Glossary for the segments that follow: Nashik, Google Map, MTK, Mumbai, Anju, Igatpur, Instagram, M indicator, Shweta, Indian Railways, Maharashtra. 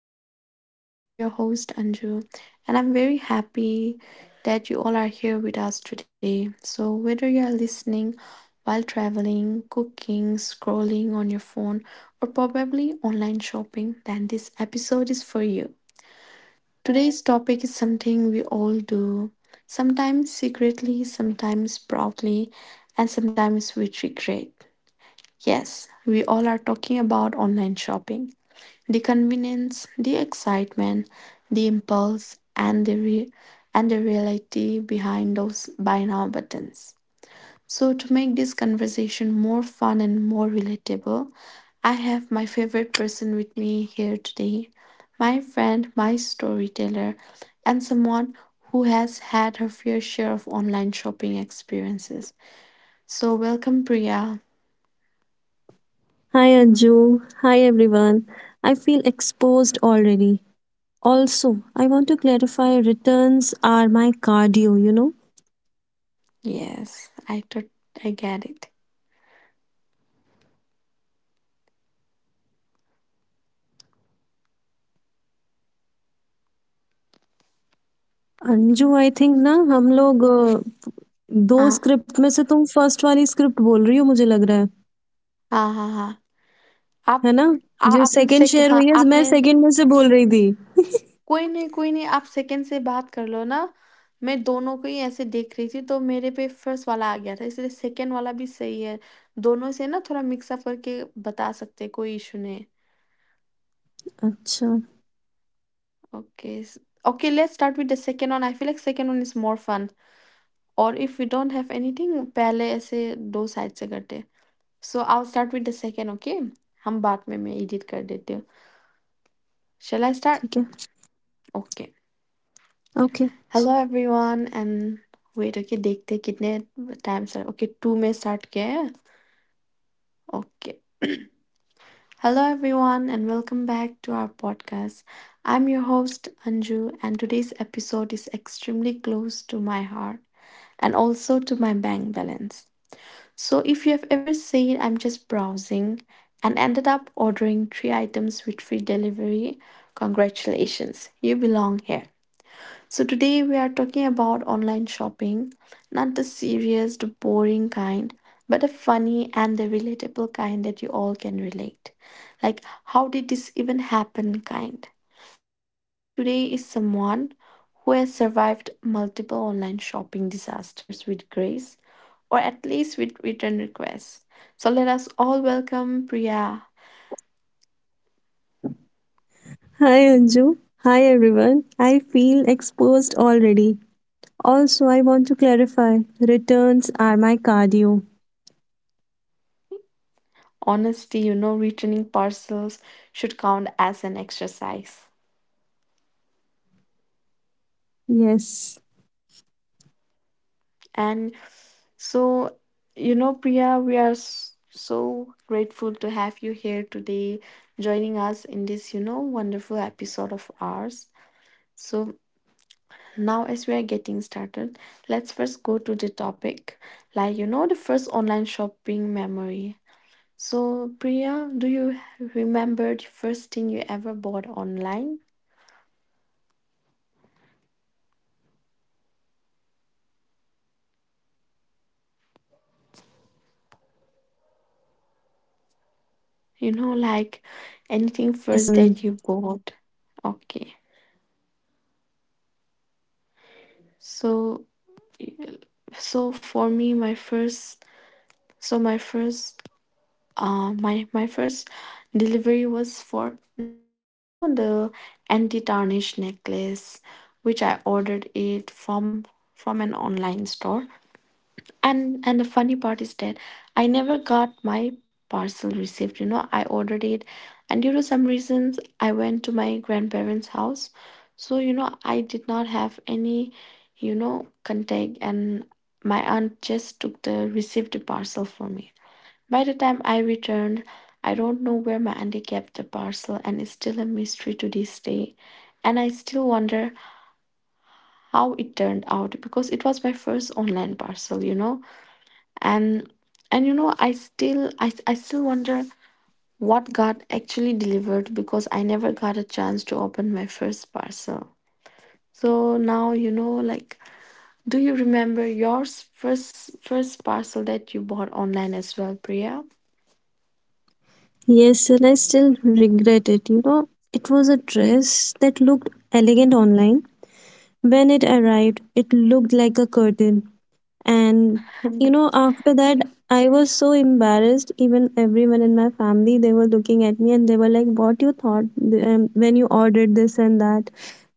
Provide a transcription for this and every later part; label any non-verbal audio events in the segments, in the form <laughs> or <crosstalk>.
podcast. And I'm your host, Anju. And I'm very happy that you all are here with us today. So, whether you're listening while traveling, cooking, scrolling on your phone, or probably online shopping, then this episode is for you. Today's topic is something we all do, sometimes secretly, sometimes proudly, and sometimes we regret. Yes, we all are talking about online shopping. The convenience, the excitement, the impulse, and and the reality behind those buy now buttons. So to make this conversation more fun and more relatable, I have my favorite person with me here today, my friend, my storyteller, and someone who has had her fair share of online shopping experiences. So welcome Priya. Hi Anju, hi everyone. I feel exposed already. Also, I want to clarify. Returns are my cardio. Yes, I get it. Anju, I think na ham log two Ah, script में से तुम first वाली script बोल रही हो मुझे लग रहा है, ah, ah, आप है ना? आ जो आपने second सेक share हुई हाँ, है, मैं आपने second में से बोल रही थी. कोई नहीं, आप सेकंड से बात कर लो ना। मैं दोनों को ही ऐसे देख रही थी, तो मेरे पे फर्स्ट वाला आ गया था, इसलिए सेकंड वाला भी सही है। दोनों से ना थोड़ा मिक्स अप करके बता सकते हैं, कोई इश्यू नहीं। अच्छा, Okay, s okay, let's start with the second one. I feel like second one is more fun. Or if we don't have anything, पहले ऐसे 2 साइड से करते हैं। So I'll start with the second, okay? हम बाद में मैं edit कर देती हूँ। Shall I ठीक है, start? okay. Okay. Hello everyone and wait. Okay, let's see how many times are okay. Two, we start here. Okay. Hello everyone and welcome back to our podcast. I'm your host Anju, and today's episode is extremely close to my heart and also to my bank balance. So if you have ever said, "I'm just browsing" and ended up ordering three items with free delivery, congratulations. You belong here. So, today we are talking about online shopping, not the serious, the boring kind, but the funny and the relatable kind that you all can relate. Like, how did this even happen kind? And joining me today is someone who has survived multiple online shopping disasters with grace or at least with return requests. So, let us all welcome Priya. Hi Anju, hi everyone. I feel exposed already. Also, I want to clarify. Returns are my cardio. Honestly, you know, returning parcels should count as an exercise. Yes. And so, you know, Priya, we are so grateful to have you here today joining us in this, you know, wonderful episode of ours. So, now as we are getting started, let's first go to the topic like, you know, the first online shopping memory. So, Priya, do you remember the first thing you ever bought online? Yes, and I still regret it. It was a dress that looked elegant online. When it arrived, You know, it looked like like a curtain. anything first that you bought? Okay. So, so for me, my I think we first have to start over So my because it's showing first reconnecting on my end. my my first delivery was for necklace, you know, the anti-tarnish necklace, which I ordered it from an online store. And the funny part is that I never got my parcel received, you know, I ordered it and due to some reasons I went to my grandparents' house. So, you know, I did not have any, you know, contact and my aunt just took the received parcel for me. By the time I returned, I don't know where my auntie kept the parcel, and it's still a mystery to this day. And I still wonder how it turned out because it was my first online parcel, you know. And and you know, I still wonder what got actually delivered because I never got a chance to open my first parcel. So now you know like do you remember your first parcel that you bought online as well, Priya? Yes, and I still regret it. It was a dress that looked elegant online. When it arrived, it looked like a curtain. And, after that, I was so embarrassed. Even everyone in my family, they were looking at me and they were like, "What you thought when you ordered this and that?"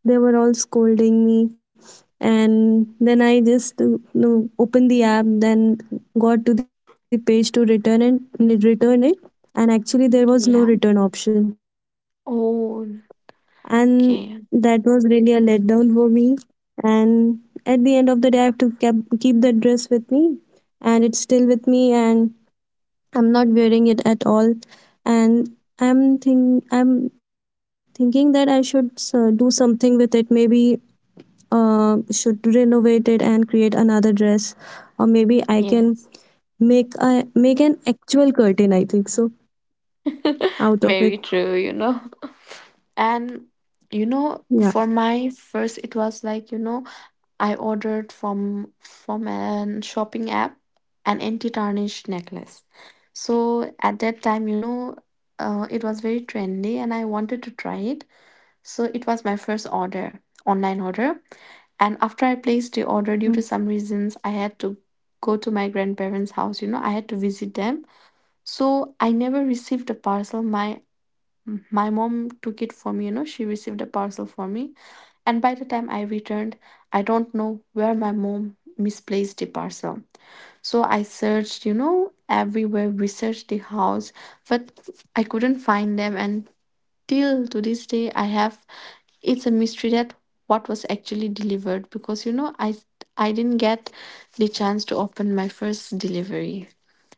They were all scolding me. And then I just opened the app, then got to the page to return it. And actually, there was no <laughs> return Yeah. option, and Oh, that was really a letdown can, for me. And at the end of the day, I have to keep that dress with me, and it's still with me, and I'm not wearing it at all. And I'm thinking that I should do something with it. Maybe should renovate it and create another dress, or maybe I can yes. make an actual curtain, I think, so <laughs> out of Very it. true, you know. And you know, for Yeah. my first it was like, you know, I ordered from an shopping app an anti-tarnish necklace. So at that time, you know, it was very trendy and I wanted to try it. So it was my first order, online order. And after I placed the order, due to some reasons, I had to go to my grandparents' house. You know, I had to visit them. So I never received a parcel. My mom took it for me, you know, she received a parcel for me. And by the time I returned, I don't know where my mom misplaced the parcel. So I searched, you know, everywhere. We searched the house, but I couldn't find them. And till to this day, I have it's a mystery that what was actually delivered because you know I didn't get the chance to open my first delivery.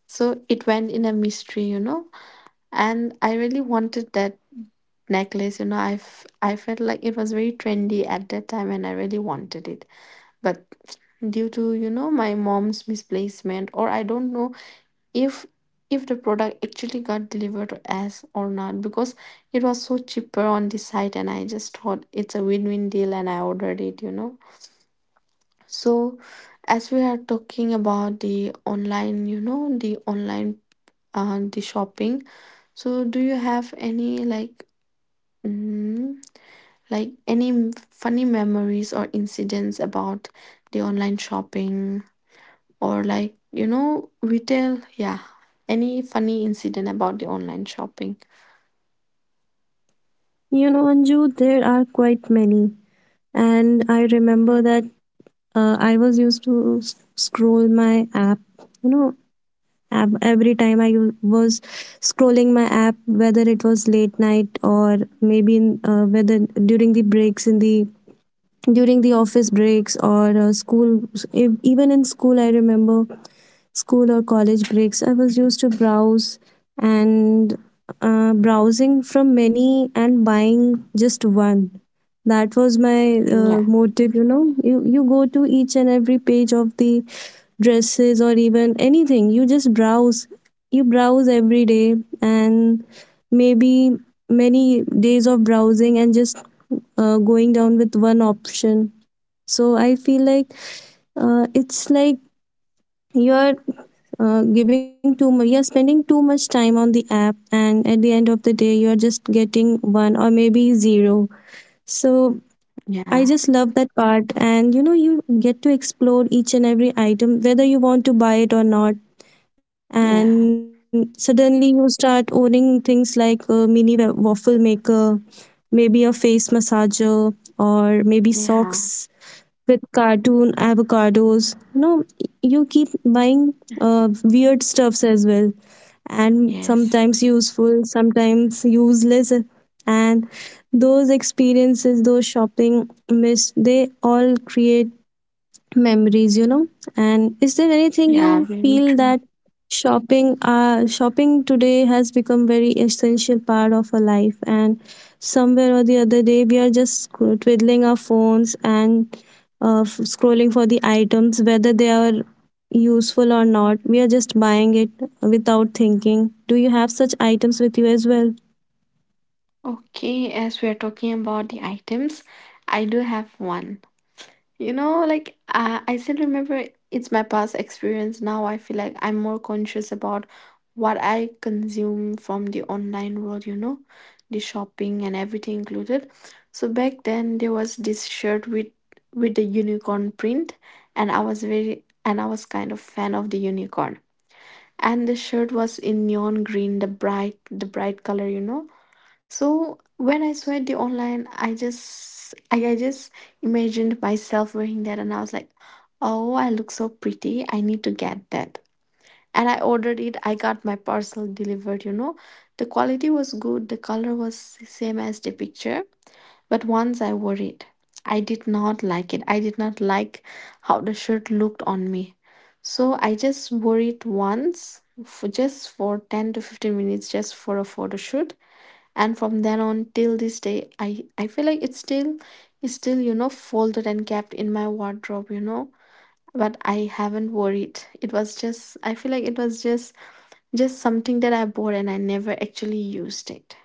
So it went in a mystery, you know, and I really wanted that necklace. You know, I felt like it was very trendy at that time, and I really wanted it. But due to you know my mom's misplacement, or I don't know if if the product actually got delivered as or not because it was so cheaper on the site and I just thought it's a win-win deal and I ordered it, you know. So as we are talking about the online, you know, the online the shopping, so do you have any like Mm, like any funny memories or incidents about the online shopping or like you know retail? Yeah, any funny incident about the online shopping? Anju, there are quite many. And I remember that I was used to scroll my app, you know every time I was scrolling my app, whether it was late night or maybe whether during the breaks, in the during the office breaks, or school. Even in school, I remember, school or college breaks, I was used to browse. And browsing from many and buying just one, that was my Yeah, motive. You go to each and every page of the dresses, or even anything, you just browse, you browse every day. And maybe many days of browsing and just going down with one option. So I feel like, it's like you're giving too much, you're spending too much time on the app, and at the end of the day you're just getting one, or maybe zero. So I yeah, just love that part, and you get to explore each and every item, whether you want to buy it or not. yeah, And suddenly, you start owning things like a mini waffle maker, maybe a face massager, or maybe yeah, socks with cartoon avocados. You keep buying weird stuffs as well, and yes, sometimes useful, sometimes useless. And those experiences, those shopping myths, they all create memories. And is there anything yeah, you very feel true. that shopping today has become very essential part of our life, and somewhere or the other day we are just twiddling our phones, and scrolling for the items, whether they are useful or not, we are just buying it without thinking. Do you have such items with you as well? Okay, as we are talking about the items, I do have one. You know, like I still remember it's my past experience. Now I feel like I'm more conscious about what I consume from the online world, you know, the shopping and everything included. So back then there was this shirt with the unicorn print and I was very and I was kind of fan of the unicorn. And the shirt was in neon green, the bright color, you know. So when I saw it the online, I just I just imagined myself wearing that and I was like, oh, I look so pretty. I need to get that. And I ordered it. I got my parcel delivered, you know. The quality was good. The color was same as the picture. But once I wore it, I did not like it. I did not like how the shirt looked on me. So I just wore it once for just for 10 to 15 minutes just for a photo shoot, and from then on till this day I feel like it's still you know folded and kept in my wardrobe, you know, but I haven't worn it. It was just I feel like it was just something that I bought and I never actually used it.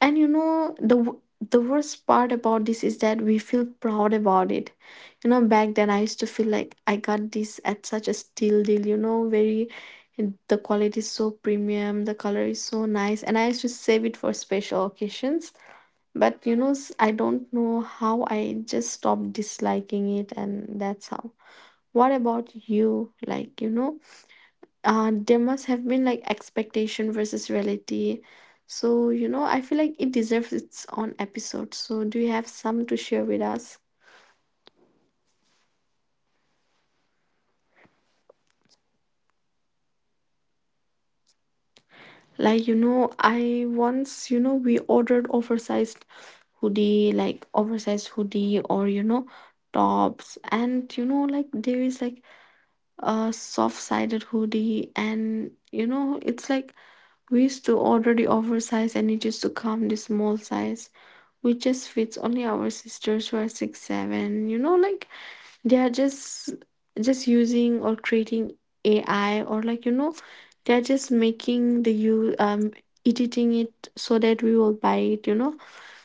And you know the worst part about this is that we feel proud about it. You know back then I used to feel like I got this at such a steal deal, you know, very the quality is so premium, the color is so nice, and Yes, I used to and save that's it the for thing, you special know, occasions. sometimes you But you buy know, I things, don't and know how I whether just they stopped are useful for disliking it, you or not. and And that's how. sometimes I What about remember you? I Like, you once know, placed an order there must have been for— like expectation versus reality. So, you know, I feel like it deserves its own episode. So, do you have some to share with us? Like, you know, I once, you know, we ordered oversized hoodie, like oversized hoodie or, you know, tops. And, you know, like there is like a soft-sided hoodie and you know it's like we used to order the oversized and it used to come the small size which just fits only our sisters who are 6-7, you know, like they are just using or creating ai or like you know they're just making the you editing it so that we will buy it, you know.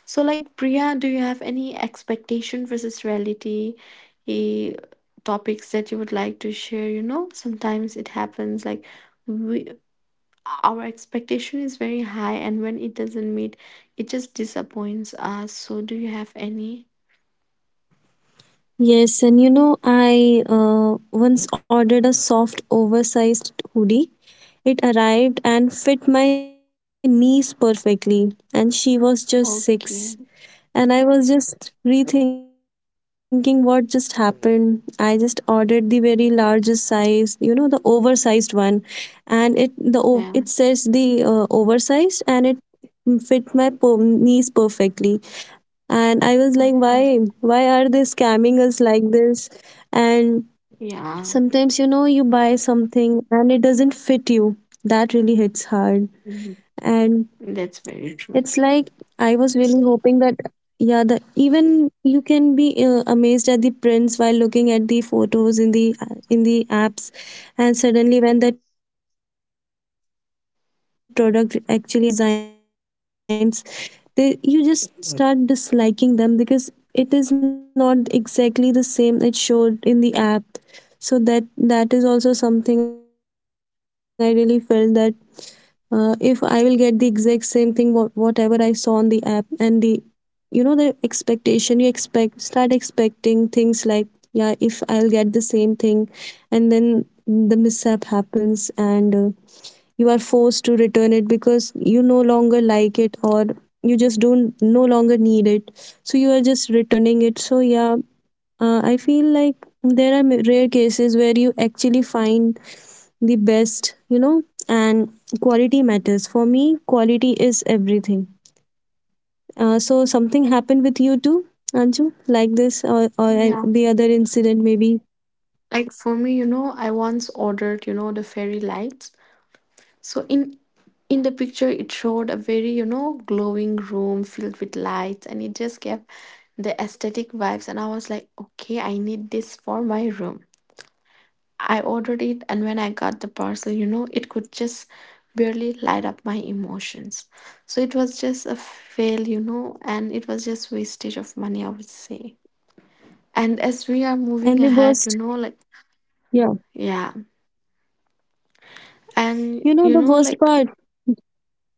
So, like, Priya, do you have any expectation versus reality eh, topics that you would like to share? You know, sometimes it happens like we, our expectation is very high, and when it doesn't meet, it just disappoints us. So, do you have any? Yes, and I once ordered a soft, oversized hoodie. It arrived and fit my niece perfectly, and Okay. she was just six. And I was just rethinking what just happened. I just ordered the very largest size, the oversized one, and the it Yeah. says the oversized, and it fit my knees perfectly. And I was like, Okay. why are they scamming us like this? And Yeah. sometimes, you buy something and it doesn't fit you. That really hits hard. Mhm. And That's very true. it's like, I was really hoping that, yeah, the even you can be amazed at the prints while looking at the photos in the apps, and suddenly when that product actually arrives and you just see the those patterns or the designs, they you just start disliking them because it is not exactly the same it showed in the app. So that that is also something I really felt that, if I will get the exact same thing, whatever I saw on the app. And the the expectation, you expect, start expecting things like, yeah, if I'll get the same thing, and then the mishap happens, and you are forced to return it because you no longer like it, or you just don't no longer need it, so you are just returning it. So yeah, I feel like there are rare cases where you actually find the best, and quality matters. For me, quality is everything. So something happened with you too, Anju, like this, or Yeah. the other incident, maybe. Like for me, you know, I once ordered, you know, the fairy lights. So in the picture it showed a very, glowing room filled with lights, and it just gave the aesthetic vibes, and I was like, okay, I need this for my room. I ordered it, and when I got the parcel, it could just barely light up my emotions. So it was just a fail, and it was just wastage of money, I would say. And as we are And moving the ahead, you worst, know, like, yeah. yeah. And, You know you the know, worst like, part.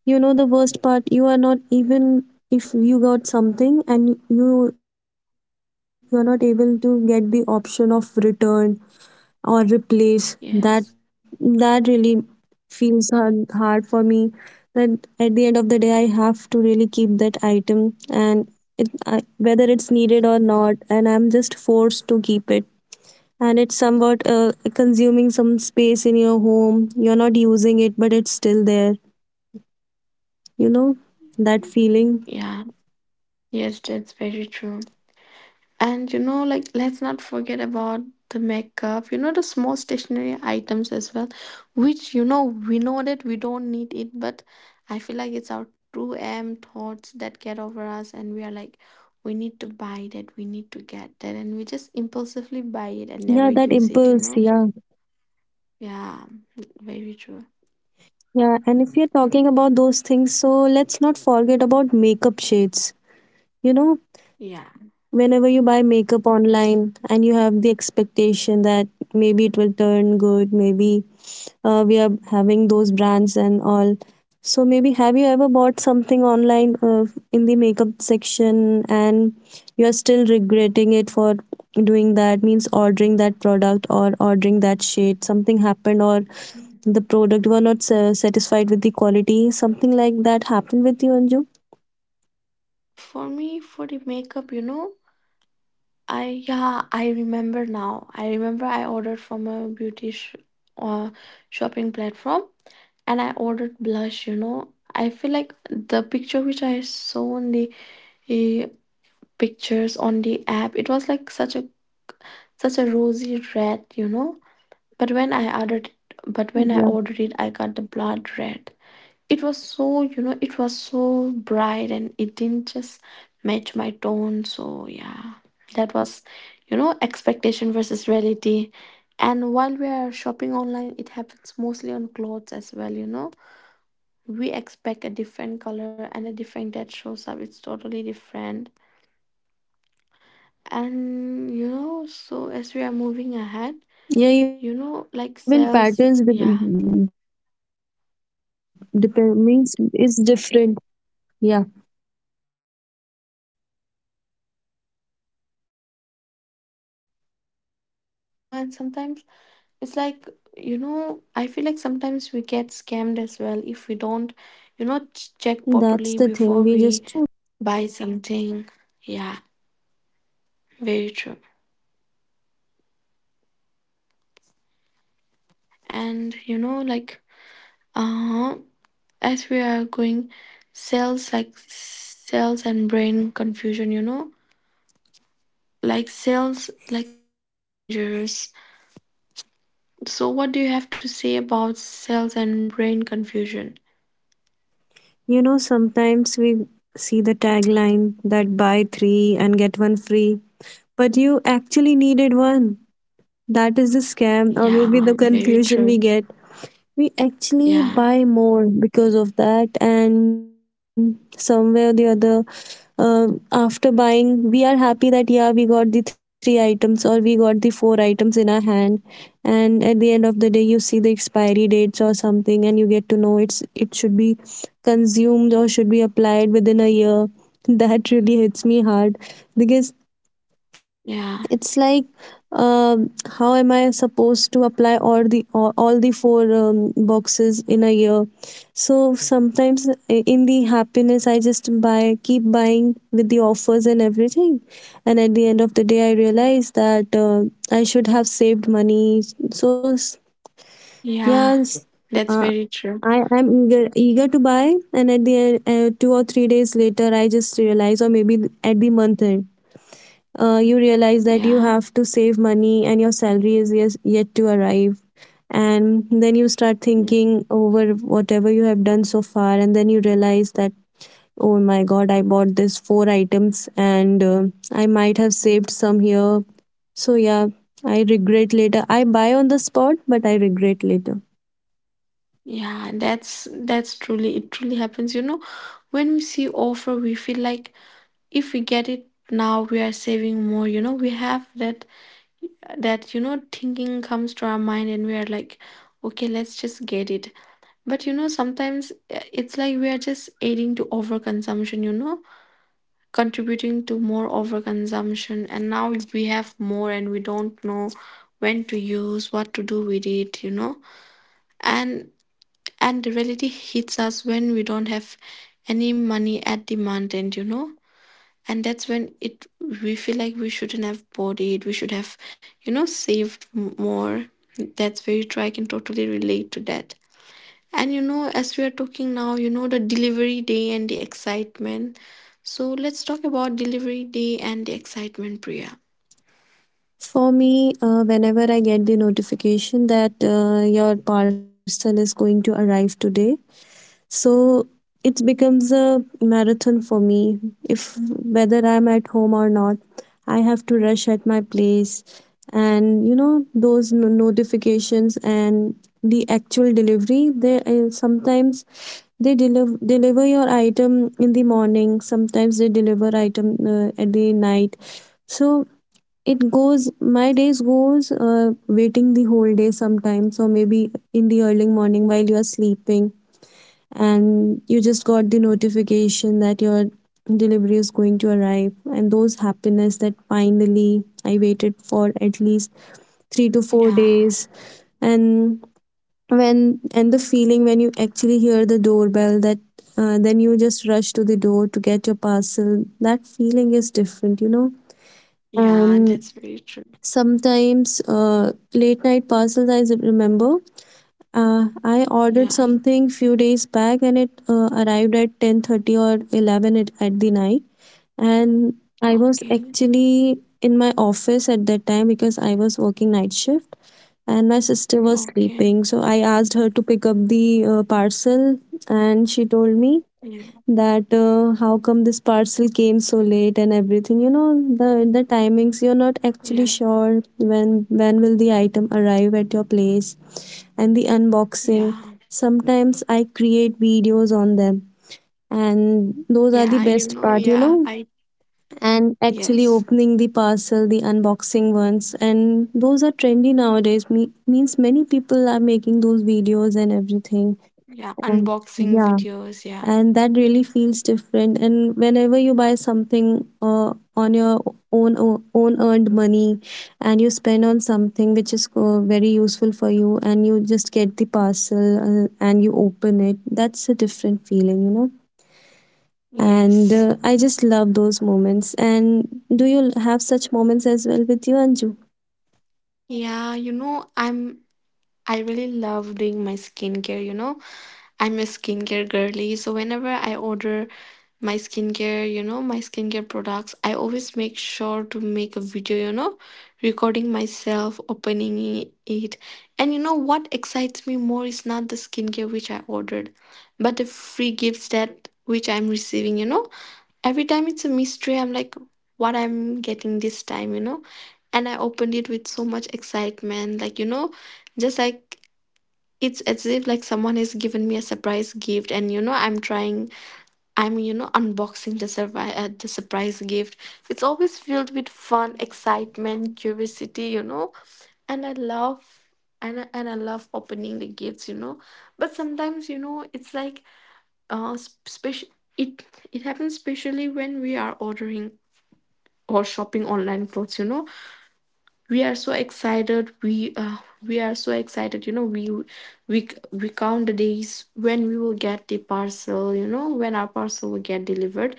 You know the worst part. You are not even, if you got something and you're not able to get the option of return or replace, yes. that that really feels hard, hard for me, that at the end of the day I have to really keep that item, and it I, whether it's needed or not, and I'm just forced to keep it. And consuming some space in your home, you're not using it, but it's still there, you know, that feeling. Yeah. Yes, that's very true. And, like, let's not forget about the makeup, the small stationary items as well, which, we know that we don't need it, but I feel like it's our true M thoughts that get over us, and we are like, we need to buy that, we need to get that, and we just impulsively buy Yeah, it and that never use impulse, it, you yeah. know? Yeah, very true. Yeah, and if you're talking about those things, so let's not forget about makeup shades you know Yeah. Whenever you buy makeup online and you have the expectation that maybe it will turn good, maybe we are having those brands. And so, maybe, have you ever bought something online, in the makeup section, and you are still regretting it for doing that, means ordering that product or ordering that shade? Something happened, or the product were not satisfied with the quality, something like that happened with you, Anju? For me, for the makeup, I, yeah, I remember now. I remember I ordered from a beauty uh, shopping platform, and I ordered blush, you know. I feel like the picture which I saw on the eh, pictures on the app, it was like such a rosy red, you know. But when I ordered it, I got the blood red. It was so, it was so Yeah. bright, and it didn't just match my tone. So yeah, that was, you know, expectation versus reality. And while we are shopping online, it happens mostly on clothes as well, you know. We expect a different color, and a different that shows up. It's totally different. And, you know, so as we are moving ahead, you know, Yeah, like, even sales. patterns Yeah, depend, means, is different. Yeah, that's very true, you know. And sometimes it's like, you know, I feel like sometimes we get scammed as well if we don't, you know, check that's properly the before thing. We we just buy have to something. face that Yeah, every day. And very true. And, you know, like, uh as we are going, sales like sales and brain confusion, you know, like sales are dangerous. So what do you have to say about sales and brain confusion? Sometimes we see the tagline that buy three and get one free, but you actually needed one. That is the scam, or maybe Yeah, the very confusion true. we get. We actually Yeah, buy more because of that, and somewhere or the other, after buying we are happy that, yeah, we got the three items or we got the four items in our hand. And at the end of the day you see the expiry dates or something and you get to know it should be consumed or should be applied within a year. <laughs> That really hits me hard, because yeah, it's like, um, how am I supposed to apply all the four boxes in a year? So sometimes, in the happiness I just buy keep buying with the offers, everything, and at the end of the day I realize that, I should have saved money. So yeah, yeah. yes. That's uh, very true. I am eager, eager to buy, and at the end, 2 or 3 days later, I just realize, or maybe at the month end, you realize that Yeah. have to save money, and your salary is, yet to arrive. And then you start Yeah, thinking over whatever you have done so far, and then you realize that, oh my god, I bought this four items, and I might have saved some here. So, yeah, I regret later. I buy on the spot, but I regret later. yeah, that's truly, it truly happens. You know, when we see offer, we feel like if we get it now, we are saving more. You know, we have that you know thinking comes to our mind, and we are like, okay, let's just get it. But you know, sometimes it's like we are just aiding to overconsumption, you know, contributing to more overconsumption. And now we have more, and we don't know when to use, what to do with it, you know. And the reality hits us when we don't have any money at the month end, you know. And that's when it, we feel like we shouldn't have bought it. We should have, you know, saved more. That's very true, I can totally relate to that. And you know, as we are talking now, you know, the delivery day and the excitement. So let's talk about delivery day and the excitement, Priya. For me, whenever I get the notification that, your parcel is going to arrive today, so it becomes a marathon for me. If whether I'm at home or not, I have to rush at my place. And those notifications and the actual delivery, they sometimes they deliver your item in the morning, sometimes they deliver item at the night. So it goes my days goes waiting the whole day, sometimes, or maybe in the early morning while you are sleeping, and you just got the notification that your delivery is going to arrive. And those happiness that finally I waited for at least 3 to 4 Yeah. days. And when and the feeling when you actually hear the doorbell, that then you just rush to the door to get your parcel, that feeling is different. Yeah, And that's very true. sometimes, late night parcels, I remember I ordered Yeah. something few days back and it arrived at 10:30 or 11 at the night. And I was Okay. actually in my office at that time because I was working night shift, and my sister was Okay. sleeping, so I asked her to pick up the parcel. And she told me Yeah, that how come this parcel came so late and everything. The timings you're not actually yeah, sure when when will the item arrive at your place. And the unboxing, yeah. sometimes I create videos on them, and those are the Yeah, you best know, part, you yeah, know. I, And actually yes, opening the parcel, the unboxing ones, and those are trendy nowadays. Means many people are making those videos and everything. yeah, And unboxing yeah, videos, yeah, and that really feels different. And whenever you buy something on your own own earned money, and you spend on something which is very useful for you, and you just get the parcel, and you open it, that's a different feeling, you know. And yes. I just love those moments. And do you have such moments as well with you, Anju? Yeah, you know, I really love doing my skincare, you know. I'm a skincare girly, so whenever I order my skincare, you know, my skincare products, I always make sure to make a video, you know, recording myself opening it. And you know what excites me more is not the skincare which I ordered, but the free gifts that which I'm receiving, you know. Every time it's a mystery, I'm like, what I'm getting this time, you know. And I opened it with so much excitement, like, you know, just like it's as if like someone has given me a surprise gift, and you know I'm trying, I'm, you know, unboxing the surprise gift. It's always filled with fun, excitement, curiosity, you know, and I love. And I love opening the gifts, you know. But sometimes, you know, it's like uh, special. It happens especially when we are ordering or shopping online clothes, you know, we are so excited we are so excited, you know, we count the days when we will get the parcel, you know, when our parcel will get delivered.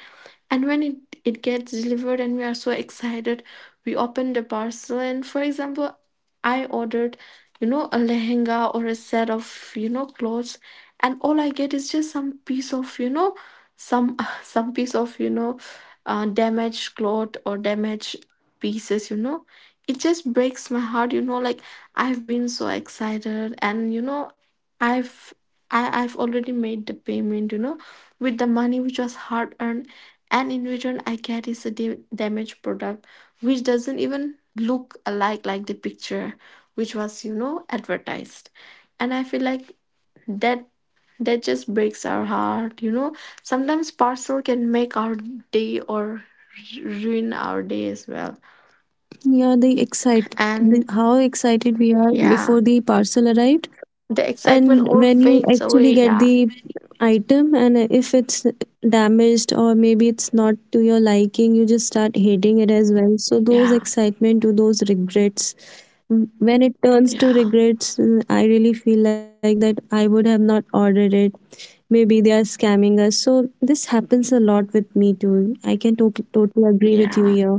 And when it gets delivered, and we are so excited. We open the parcel, and for example, I ordered, you know, a lehenga or a set of, you know, clothes, and all I get is just some piece of, you know, some <laughs> some piece of, you know, damaged cloth or damaged pieces, you know. It just breaks my heart, you know, like I've been so excited, and you know, i've I've already made the payment, you know, with the money which was hard earned. And in return, I get is a damaged product, which doesn't even look alike like the picture, which was, you know, advertised. And I feel like that that just breaks our heart, you know. Sometimes parcel can make our day or ruin our day as well. Yeah, the excite, And the, how excited we are yeah, before the parcel arrived. the excitement And all when you fades away. actually get Yeah, the item, and if it's damaged or maybe it's not to your liking, you just start hating it as well. So those yeah, excitement to those regrets, when it turns to yeah, regrets, I really feel like that I would have not ordered it. Maybe they are scamming us. So this happens a lot with me too. I can totally agree with you yeah. here.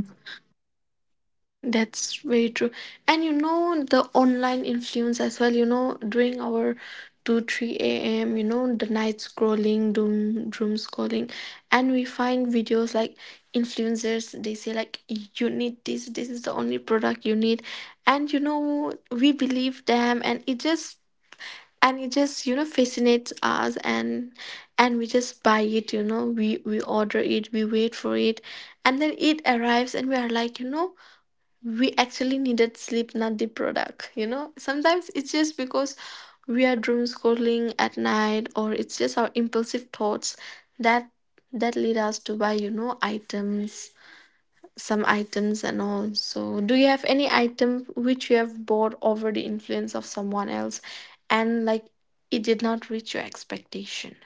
That's very true. And you know, the online influence as well, you know, during our 2-3 a.m., you know, the night scrolling, doom scrolling, and we find videos like influencers, they say, like, you need this, this is the only product you need. And you know, we believe them. And it just and it just, you know, fascinates us. And we just buy it, you know, we order it, we wait for it, and then it arrives, and we are like, you know, we actually needed sleep, not the product, you know. Sometimes it's just because we are doom scrolling at night, or it's just our impulsive thoughts that that lead us to buy, you know, items, some items and all. So, do you have any item which you have bought over the influence of someone else, and like it did not reach your expectation?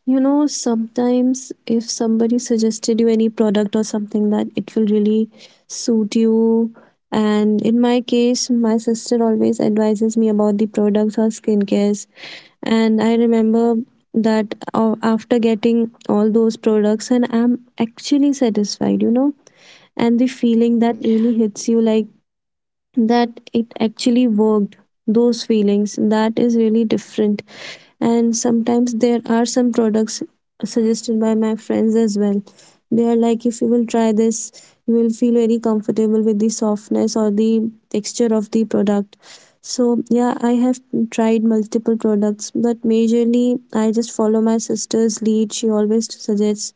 You know, sometimes if somebody suggested you any product or something that it will really suit you, and in my case, my sister always advises me products or skincares. And I remember that after getting all those products, and I'm actually satisfied, you know, and the feeling that really Yeah, hits you like that it actually worked, those feelings, that is really different. And sometimes there are some products suggested by my friends as well. They are like, if you will try this, you will feel very comfortable with the softness or the texture of the product. So yeah, I have tried multiple products, but majorly I just follow my sister's lead. She always suggests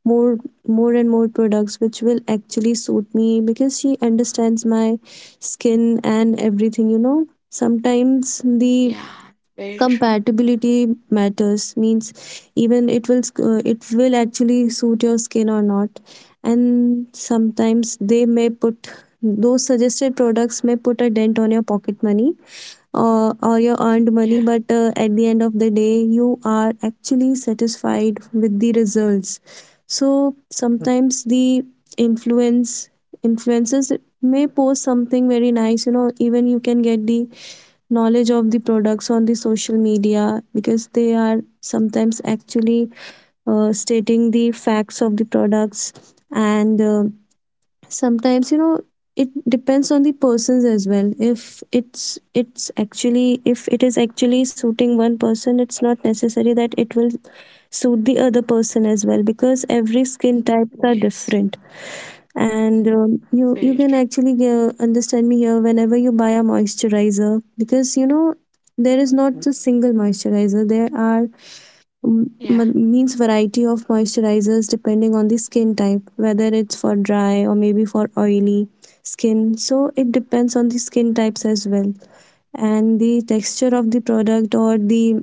more more and more products which will actually suit me, because she understands my skin and everything, you know. Sometimes the yeah, very true. compatibility matters, means even it will it will actually suit your skin or not. And sometimes they may put, those suggested products may put a dent on your pocket money, or your earned money, Yeah, but at the end of the day, you are actually satisfied with the results. So sometimes the influence influencers may post something very nice. You know, even you can get the knowledge of the products on the social media, because they are sometimes actually stating the facts of the products. And sometimes, you know, it depends on the persons as well. If it's it's actually if it is actually suiting one person, it's not necessary that it will suit the other person as well, because every skin types are yes, different. And you very can true. actually understand me here whenever you buy a moisturizer, because you know there is not a single moisturizer, there are m- Yeah, m- means variety of moisturizers depending on the skin type, whether it's for dry or maybe for oily skin. So it depends on the skin types as well, and the texture of the product, or the,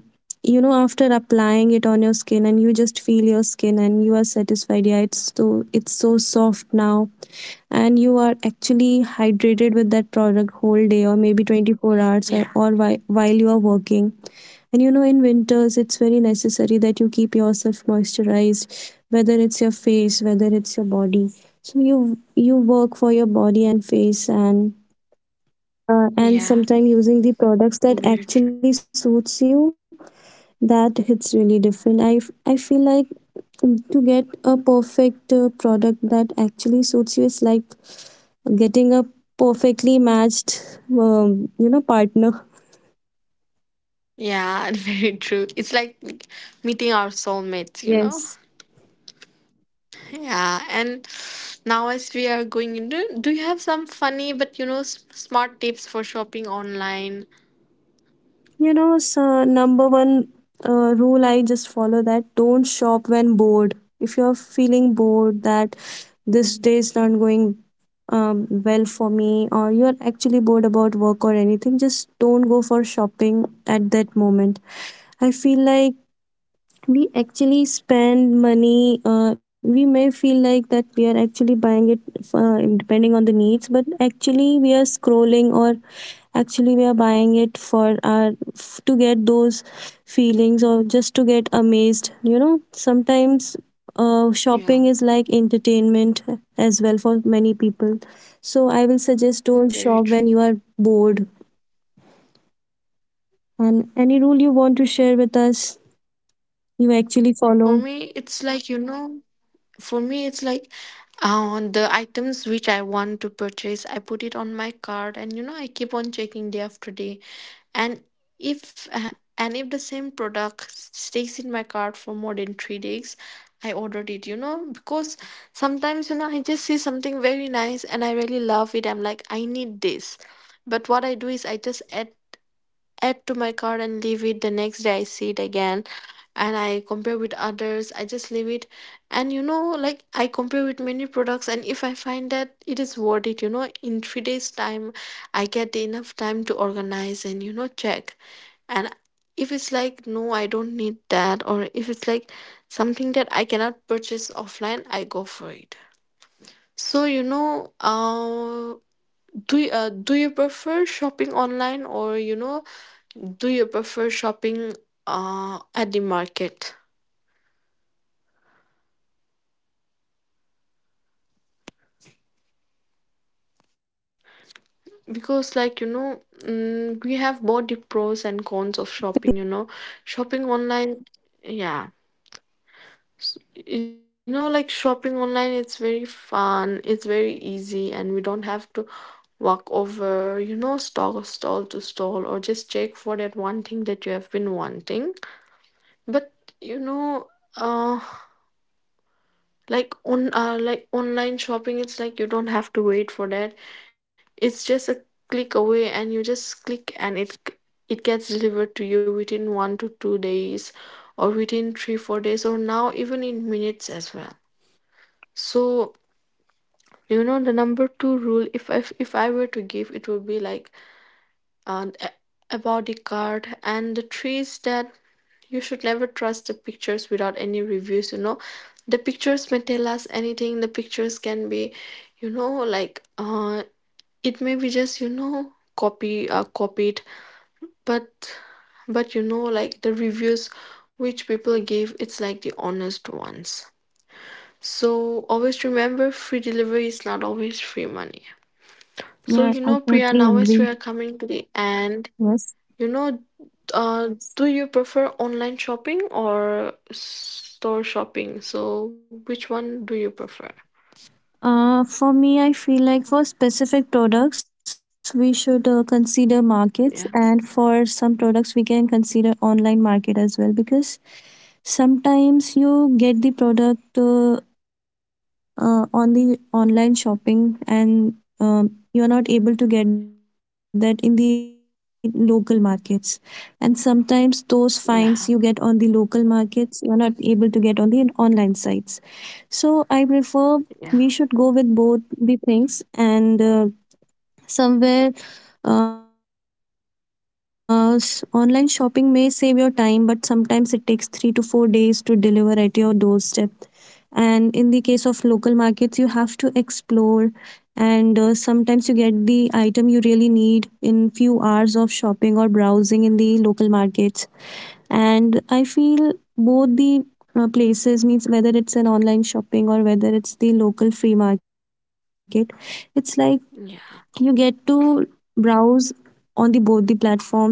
you know, after applying it on your skin, and you just feel your skin and you are satisfied, yeah it's so, it's so soft now, and you are actually hydrated with that product whole day, or maybe 24 hours, yeah, or while you are working. And you know, in winters, it's very necessary that you keep yourself moisturized, whether it's your face, whether it's your body. So you work for your body and face, and yeah, sometimes using the products that very true. actually suits you, that hits really different. I I feel like to get a perfect product that actually suits you is like getting a perfectly matched, you know, partner. Yeah, <laughs> very true. It's like meeting our soulmates, you know? Yes. Yeah, and now as we are going into, do you have some funny but, you know, smart tips for shopping online? You know, so number one rule I just follow, that don't shop when bored. If you're feeling bored, that this day is not going well for me, or you're actually bored about work or anything, just don't go for shopping at that moment. I feel like we actually spend money. We may feel like that we are actually buying it depending on the needs, but actually we are scrolling, or actually we are buying it for our to get those feelings or just to get amazed. You know, sometimes Yeah. shopping is like entertainment as well for many people. So I will suggest, don't Very shop when you true. are bored. And any rule you want to share with us, you actually For follow. me, it's like, you know, for me, it's like on the items which I want to purchase, I put it on my card, and, you know, I keep on checking day after day. And if uh, and if the same product stays in my cart for more than 3 days, I ordered it, you know, because sometimes, you know, I just see something very nice and I really love it. I'm like, I need this. But what I do is I just add to my cart and leave it. The next day I see it again, and I compare with others, I just leave it. And you know, like, I compare with many products, and if I find that it is worth it, you know, in 3 days time, I get enough time to organize, and you know, check. And if it's like, no, I don't need that, or if it's like something that I cannot purchase offline, I go for it. So you know, do you prefer shopping online, or, you know, do you prefer shopping at the market? For me, I feel like that shopping at the, for specific products, I'll suggest that you should hit the Because market. like, you know, we have both the pros and cons of shopping. You know, shopping online, yeah. You know, like shopping online, it's very fun, it's very easy, and we don't have to walk over. You know, stall to stall, or just check for that one thing that you have been wanting. But you know, uh, like online shopping, it's like you don't have to wait for that. It's just a click away, and you just click, and it gets delivered to you within 1 to 2 days, or within 3-4 days, or now even in minutes as well. So you know, the number two rule, if I were to give, it would be like, and about the card and the trees, that you should never trust the pictures without any reviews, you know. The pictures may tell us anything. The pictures can be, you know, like, it may be just, you know, copy copied. But but you know, like, the reviews which people give, it's like the honest ones. So always remember, free delivery is not always free money. So Yeah, you I know, Priya, totally now as we agree. are coming to the end, Yes. you know, uh, do you prefer online shopping or store shopping? So, which one do you prefer? For me, I feel like for specific products, we should consider markets, and Yeah, for some products, we can consider online market as well, because sometimes you get the product on the online shopping, and you are not able to get that in the local markets, and sometimes those finds you get on the local yeah, markets, you are not able to get on the online sites. So I prefer we should go with both yeah, the things, and somewhere, online shopping may save your time, but sometimes it takes 3 to 4 days to deliver at your doorstep. And in the case of local markets, you have to explore, and sometimes you get the item you really need in few hours of shopping or browsing in the local markets. And I feel both the places, means whether it's an online shopping or whether it's the local free market, it's like you get to yeah, browse on the both the platforms. And it's like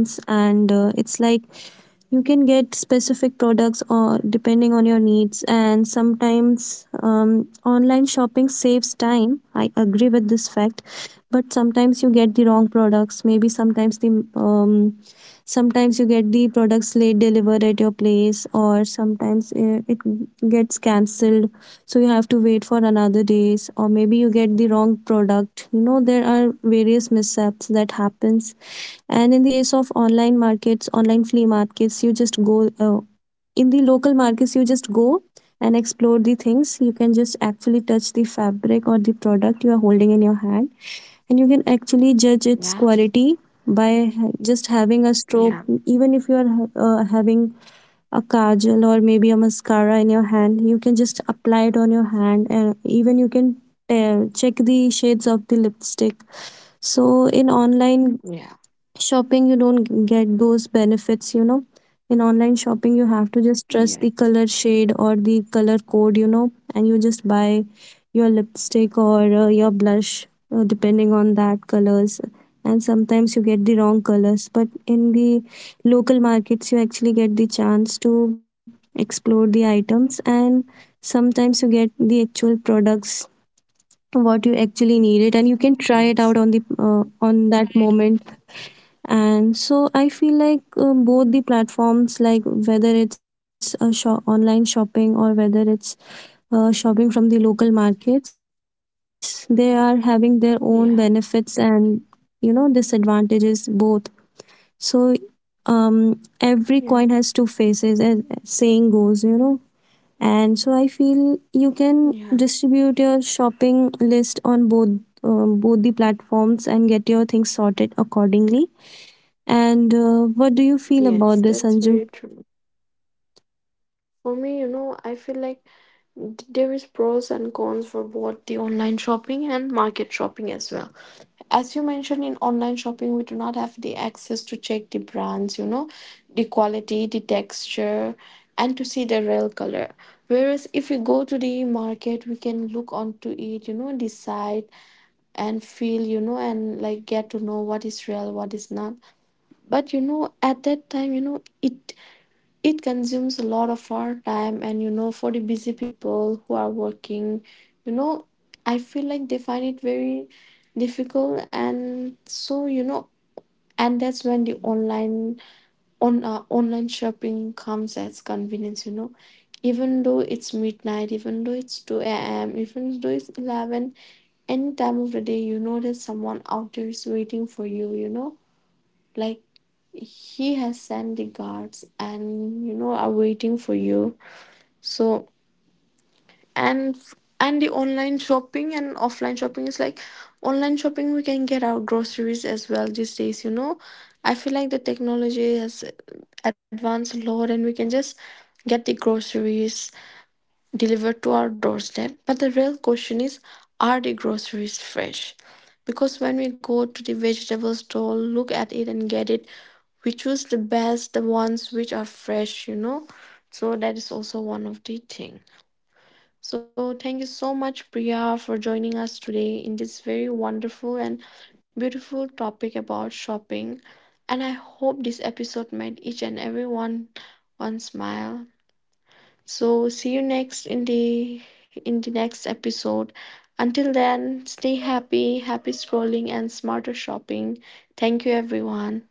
you can get specific products or depending on your needs. And sometimes online shopping saves time, I agree with this fact, but sometimes you get the wrong products, maybe sometimes the um, sometimes you get the products late delivered at your place, or sometimes it gets cancelled, so you have to wait for another days, or maybe you get the wrong product. You know, there are various mishaps that happens. And in the case of online flea markets, you just go, in the local markets you just go and explore the things, you can just actually touch the fabric or the product you are holding in your hand, and you can actually judge yeah, its quality by just having a yeah, stroke. Even if you are having kajal or maybe a mascara in your hand, you can just apply it on your hand, and even you can check the shades of the lipstick. So in online yeah, shopping, you don't get those benefits, you know. In online shopping, you have to just trust the yeah, color shade or the color code, you know, and you just buy your lipstick or your blush depending on that colors. And sometimes you get the wrong colors, but in the local markets you actually get the chance to explore the items, and sometimes you get the actual products what you actually need it, and you can try it out yes, on the on that moment. And so I feel like, both the platforms, like whether it's a shop, online shopping, or whether it's shopping from the local markets, they are having their own benefits yeah, and, you know, disadvantages, both. So every coin yeah, has two faces, as saying goes, you know. And so I feel you can yeah, distribute your shopping list on both the platforms and get your things sorted accordingly. And what do you feel about yes, this, that's Anju? very true. For me, you know, I feel like there is pros and cons for both the online shopping and market shopping as well. As you mentioned, in online shopping we do not have the access to check the brands, you know, the quality, the texture, and to see the real color. Whereas if we go to the market, we can look onto it, you know, decide and feel, you know, and like get to know what is real, what is not. But you know, at that time, you know, it consumes a lot of our time, and you know, for the busy people who are working, you know, I feel like they find it very difficult. And so, you know, and that's when the online shopping comes as convenience, you know. Even though it's midnight, even though it's 2 a.m., even though it's 11, any time of the day, you know, that someone out there is waiting for you, you know, like he has sent the guards, and you know, are waiting for you. So and and the online shopping and offline shopping is like, online shopping we can get our groceries as well these days, you know. I feel like the technology has advanced a lot, and we can just get the groceries delivered to our doorstep. But the real question is, are the groceries fresh? Because when we go to the vegetable store, look at it and get it, we choose the best, the ones which are fresh, you know. So that is also one of the thing. So thank you so much, Priya, for joining us today in this very wonderful and beautiful topic about shopping. And I hope this episode made each and every one smile. So see you next in the next episode. Until then, stay happy, happy scrolling and smarter shopping. Thank you everyone.